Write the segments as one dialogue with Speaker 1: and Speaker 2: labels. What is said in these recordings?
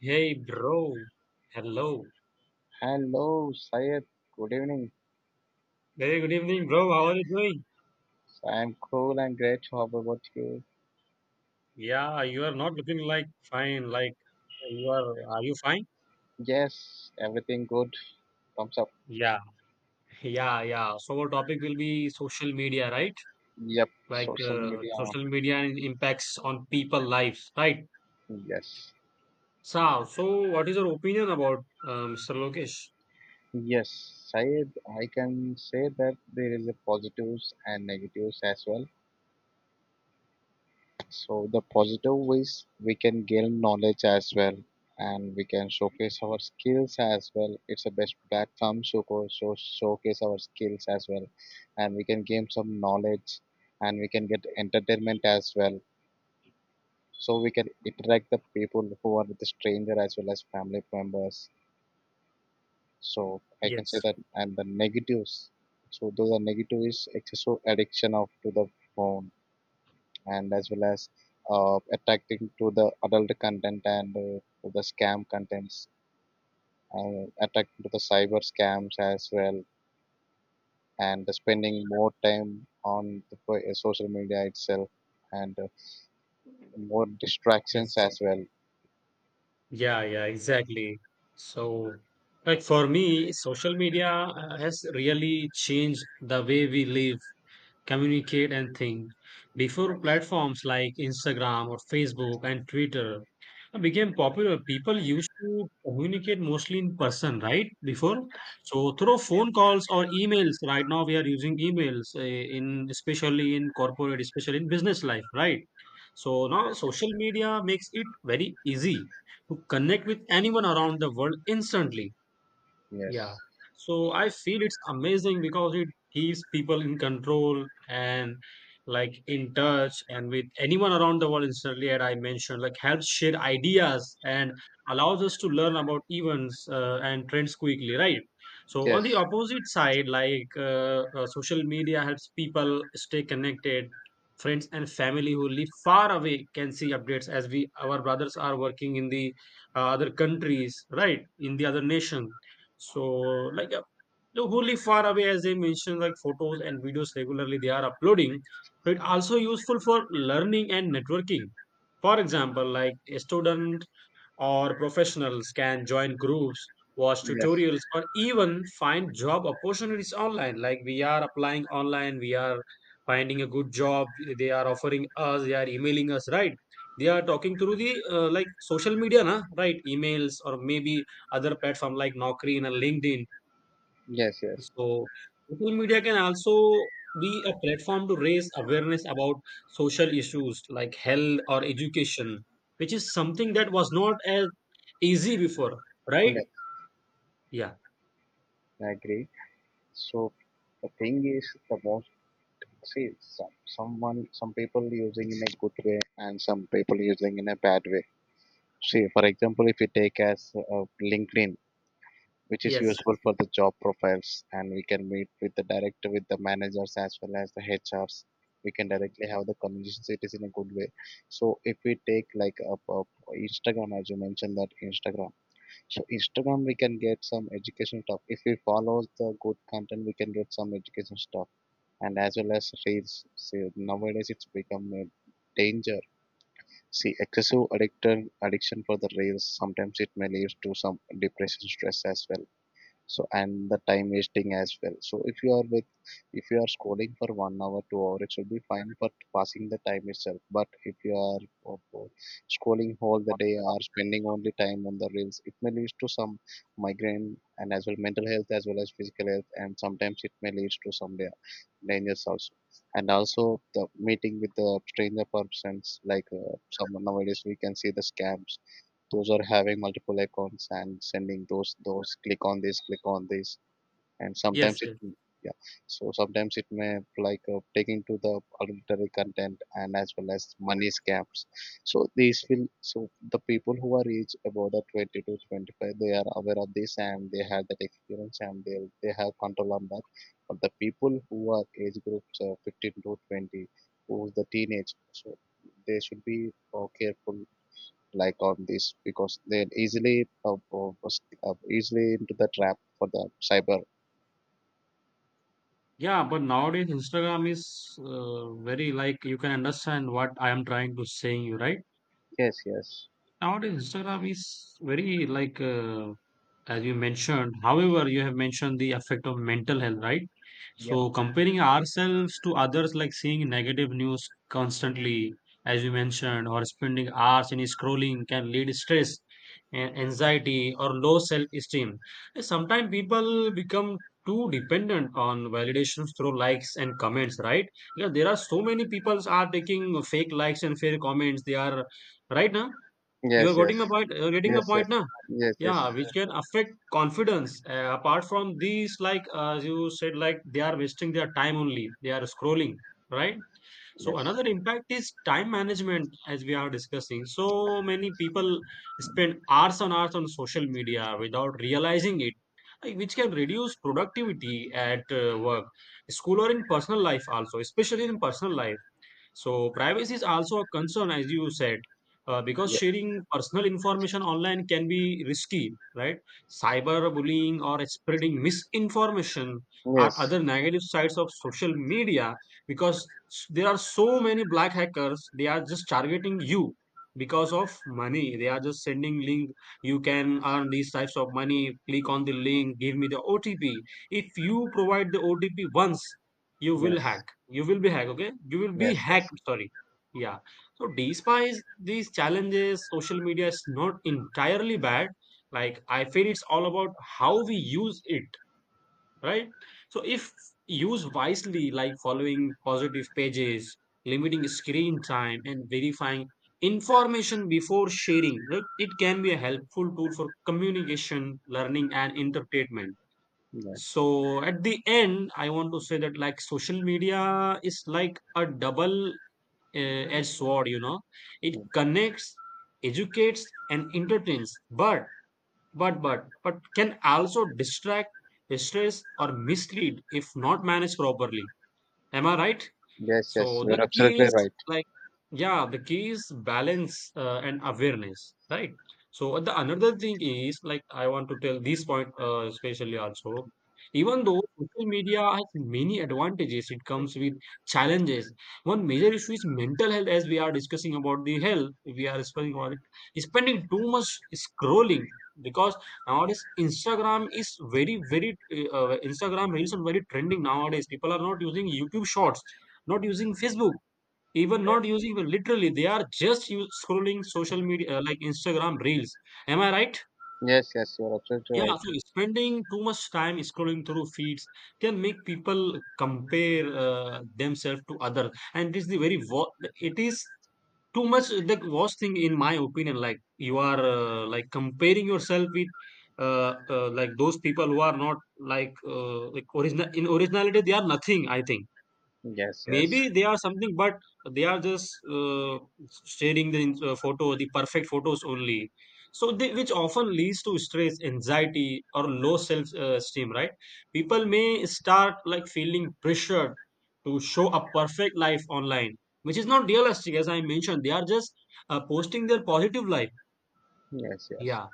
Speaker 1: Hey, bro. Hello.
Speaker 2: Hello, Syed. Good evening.
Speaker 1: Very good evening, bro. How are you doing?
Speaker 2: I'm cool and great. How about you?
Speaker 1: Yeah, you are not looking like fine. Like you are. Are you fine?
Speaker 2: Yes, everything good. Thumbs up.
Speaker 1: Yeah, yeah. So our topic will be social media, right?
Speaker 2: Yep,
Speaker 1: Like
Speaker 2: social media.
Speaker 1: social media and impacts on people lives, right?
Speaker 2: Yes.
Speaker 1: So what is your opinion about Mr. Lokesh?
Speaker 2: Yes, Syed, I can say that there is a positives and negatives as well. So the positive ways we can gain knowledge as well, and we can showcase our skills as well. It's the best platform to go show, showcase our skills as well, and we can gain some knowledge, and we can get entertainment as well. So we can interact the people who are with the stranger as well as family members. So I can say
Speaker 1: Yes,
Speaker 2: that, and the negatives. So those are negative is excessive addiction of to the phone and as well as attracting to the adult content and to the scam contents and attracting to the cyber scams as well, and spending more time on the social media itself, and more distractions
Speaker 1: yes.
Speaker 2: as well.
Speaker 1: Yeah, yeah, exactly. So, like for me, social media has really changed the way we live, communicate and think. Before platforms like Instagram or Facebook and Twitter became popular, people used to communicate mostly in person, right? Before, so through phone calls or emails. Right now, we are using emails in, especially in corporate, especially in business life, right? So now social media makes it very easy to connect with anyone around the world instantly, yeah.
Speaker 2: Yes,
Speaker 1: So I feel it's amazing because it keeps people in control and like in touch and with anyone around the world instantly, as I mentioned. Like, helps share ideas and allows us to learn about events and trends quickly, right? So on the
Speaker 2: yes,
Speaker 1: opposite side, like social media helps people stay connected. Friends and family who live far away can see updates, as we, our brothers are working in the other countries, right? In the other nation. So, like, the wholly far away, as I mentioned, like photos and videos regularly they are uploading, but also useful for learning and networking. For example, like a student or professionals can join groups, watch
Speaker 2: yes,
Speaker 1: tutorials, or even find job opportunities online. Like we are applying online, we are finding a good job, they are offering us, they are emailing us, right? They are talking through the like social media, na? Right? Emails or maybe other platform like Naukri and LinkedIn.
Speaker 2: yes, yes,
Speaker 1: So social media can also be a platform to raise awareness about social issues like health or education, which is something that was not as easy before,
Speaker 2: yes.
Speaker 1: right? Yeah.
Speaker 2: I agree. So the thing is the most. See, some people using in a good way and some people using in a bad way. See, for example, if you take as LinkedIn, which is
Speaker 1: Yes.
Speaker 2: useful for the job profiles, and we can meet with the director, with the managers as well as the HRs. We can directly have the conversations. It is in a good way. So if we take like a Instagram, as you mentioned that Instagram. So Instagram, we can get some education stuff. If we follow the good content, we can get some education stuff, and as well as reels. See, nowadays it's become a danger. See, excessive addiction for the rails, sometimes it may lead to some depression, stress as well, so, and the time wasting as well. So if you are with, if you are scrolling for 1 hour 2 hour, it should be fine for passing the time itself. But if you are o- o- scrolling all the day or spending only time on the reels, it may lead to some migraine and as well mental health as well as physical health, and sometimes it may lead to some dangers also. And also the meeting with the stranger persons like some. Nowadays we can see the scams, those are having multiple icons and sending those click on this click on this, and
Speaker 1: Yes.
Speaker 2: sometimes it.
Speaker 1: Yes.
Speaker 2: Yeah, so sometimes it may like taking to the adultery content and as well as money scams. So these will, so the people who are age about the 20 to 25, they are aware of this and they have that experience and they have control on that. But the people who are age groups 15 to 20, who's the teenage, so they should be careful like on this, because they're easily easily into the trap for the cyber.
Speaker 1: Yeah. But nowadays, Instagram is very like, you can understand what I am trying to saying you, right?
Speaker 2: Yes, yes,
Speaker 1: Nowadays, Instagram is very like. As you mentioned. However, you have mentioned the effect of mental health, right?
Speaker 2: yeah,
Speaker 1: So, comparing ourselves to others, like seeing negative news constantly, as you mentioned, or spending hours in scrolling can lead stress, and anxiety, or low self esteem. Sometimes people become too dependent on validations through likes and comments, right? Because there are so many people are taking fake likes and fake comments. They are, right now. You are
Speaker 2: yes, yes,
Speaker 1: getting my point. You're getting my
Speaker 2: yes, yes,
Speaker 1: point now.
Speaker 2: yes, yes,
Speaker 1: Yeah, which can affect confidence. Apart from these, like as you said, like they are wasting their time only. They are scrolling, right? So
Speaker 2: yes,
Speaker 1: another impact is time management, as we are discussing. So many people spend hours on hours on social media without realizing it, like, which can reduce productivity at work, school, or in personal life also, especially in personal life. So privacy is also a concern, as you said, because
Speaker 2: yeah.
Speaker 1: sharing personal information online can be risky, right? Cyberbullying or spreading misinformation are
Speaker 2: Yes,
Speaker 1: other negative sides of social media, because there are so many black hackers. They are just targeting you because of money. They are just sending link. You can earn these types of money. Click on the link. Give me the OTP. If you provide the OTP once, you will
Speaker 2: yes,
Speaker 1: hack, you will be hacked, okay, you will be
Speaker 2: yes, yes,
Speaker 1: hacked, sorry. Yeah. So despite these challenges, social media is not entirely bad. Like, I feel it's all about how we use it, right? So if used wisely, like following positive pages, limiting screen time and verifying information before sharing, look, it can be a helpful tool for communication, learning and entertainment.
Speaker 2: yes.
Speaker 1: So at the end, I want to say that like social media is like a double edged sword, you know. It
Speaker 2: Mm.
Speaker 1: connects, educates, and entertains, but but can also distract, stress, or mislead if not managed properly. Am I right?
Speaker 2: Yes, yes,
Speaker 1: So the
Speaker 2: you're
Speaker 1: key
Speaker 2: absolutely
Speaker 1: is,
Speaker 2: right.
Speaker 1: like, yeah, the key is balance and awareness, right? So the another thing is like I want to tell this point especially also. Even though social media has many advantages, it comes with challenges. One major issue is mental health, as we are discussing about the health. We are spending on it, spending too much scrolling, because nowadays Instagram is very, very Instagram reels are very trending nowadays. People are not using YouTube Shorts, not using Facebook, even not using literally, they are just scrolling social media like Instagram reels. Am I right?
Speaker 2: Yes, yes, you're absolutely
Speaker 1: Yeah.
Speaker 2: right.
Speaker 1: So spending too much time scrolling through feeds can make people compare themselves to others, and this is the very it is too much the worst thing in my opinion. Like, you are like comparing yourself with like those people who are not like like original in originality, they are nothing, I think.
Speaker 2: Yes, yes,
Speaker 1: Maybe they are something, but they are just sharing the photo, the perfect photos only. So they, which often leads to stress, anxiety, or low self esteem, right? People may start like feeling pressured to show a perfect life online, which is not realistic, as I mentioned. They are just posting their positive life.
Speaker 2: yes, yes.
Speaker 1: Yeah,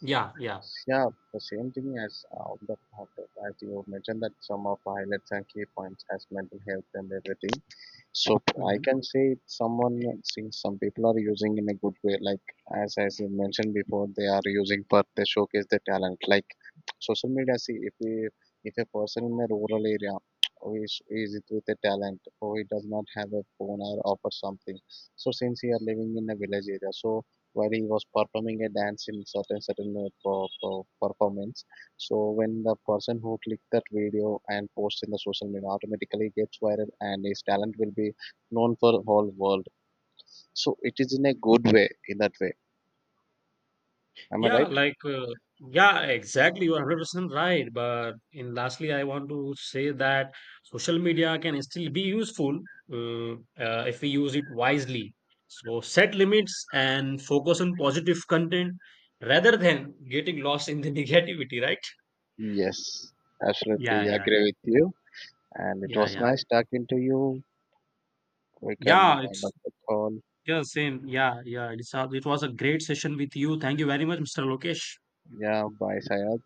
Speaker 1: yeah.
Speaker 2: Yeah, the same thing as the, as you mentioned, that some of the highlights and key points as mental health and everything. So I can say someone, see some people are using in a good way. Like as you mentioned before, they are using for they showcase their talent. Like social media. See if we, if a person in a rural area, who is it with a talent, or he does not have a phone or offer something. So since he are living in a village area, so while he was performing a dance in certain performance. So when the person who clicked that video and posts in the social media, automatically gets viral, and his talent will be known for whole world. So it is in a good way. In that way, am I
Speaker 1: Yeah,
Speaker 2: right?
Speaker 1: like, yeah, exactly. You're 100% right. But in lastly, I want to say that social media can still be useful, uh, if we use it wisely. So set limits and focus on positive content rather than getting lost in the negativity, right?
Speaker 2: Yes, absolutely
Speaker 1: Yeah, yeah,
Speaker 2: agree with you. And it
Speaker 1: yeah,
Speaker 2: was
Speaker 1: yeah.
Speaker 2: nice talking to you. We can
Speaker 1: Yeah,
Speaker 2: wind
Speaker 1: it's
Speaker 2: up the call.
Speaker 1: yeah, same. Yeah, yeah. It's, it was a great session with you. Thank you very much, Mr. Lokesh.
Speaker 2: Yeah, bye, Sayad.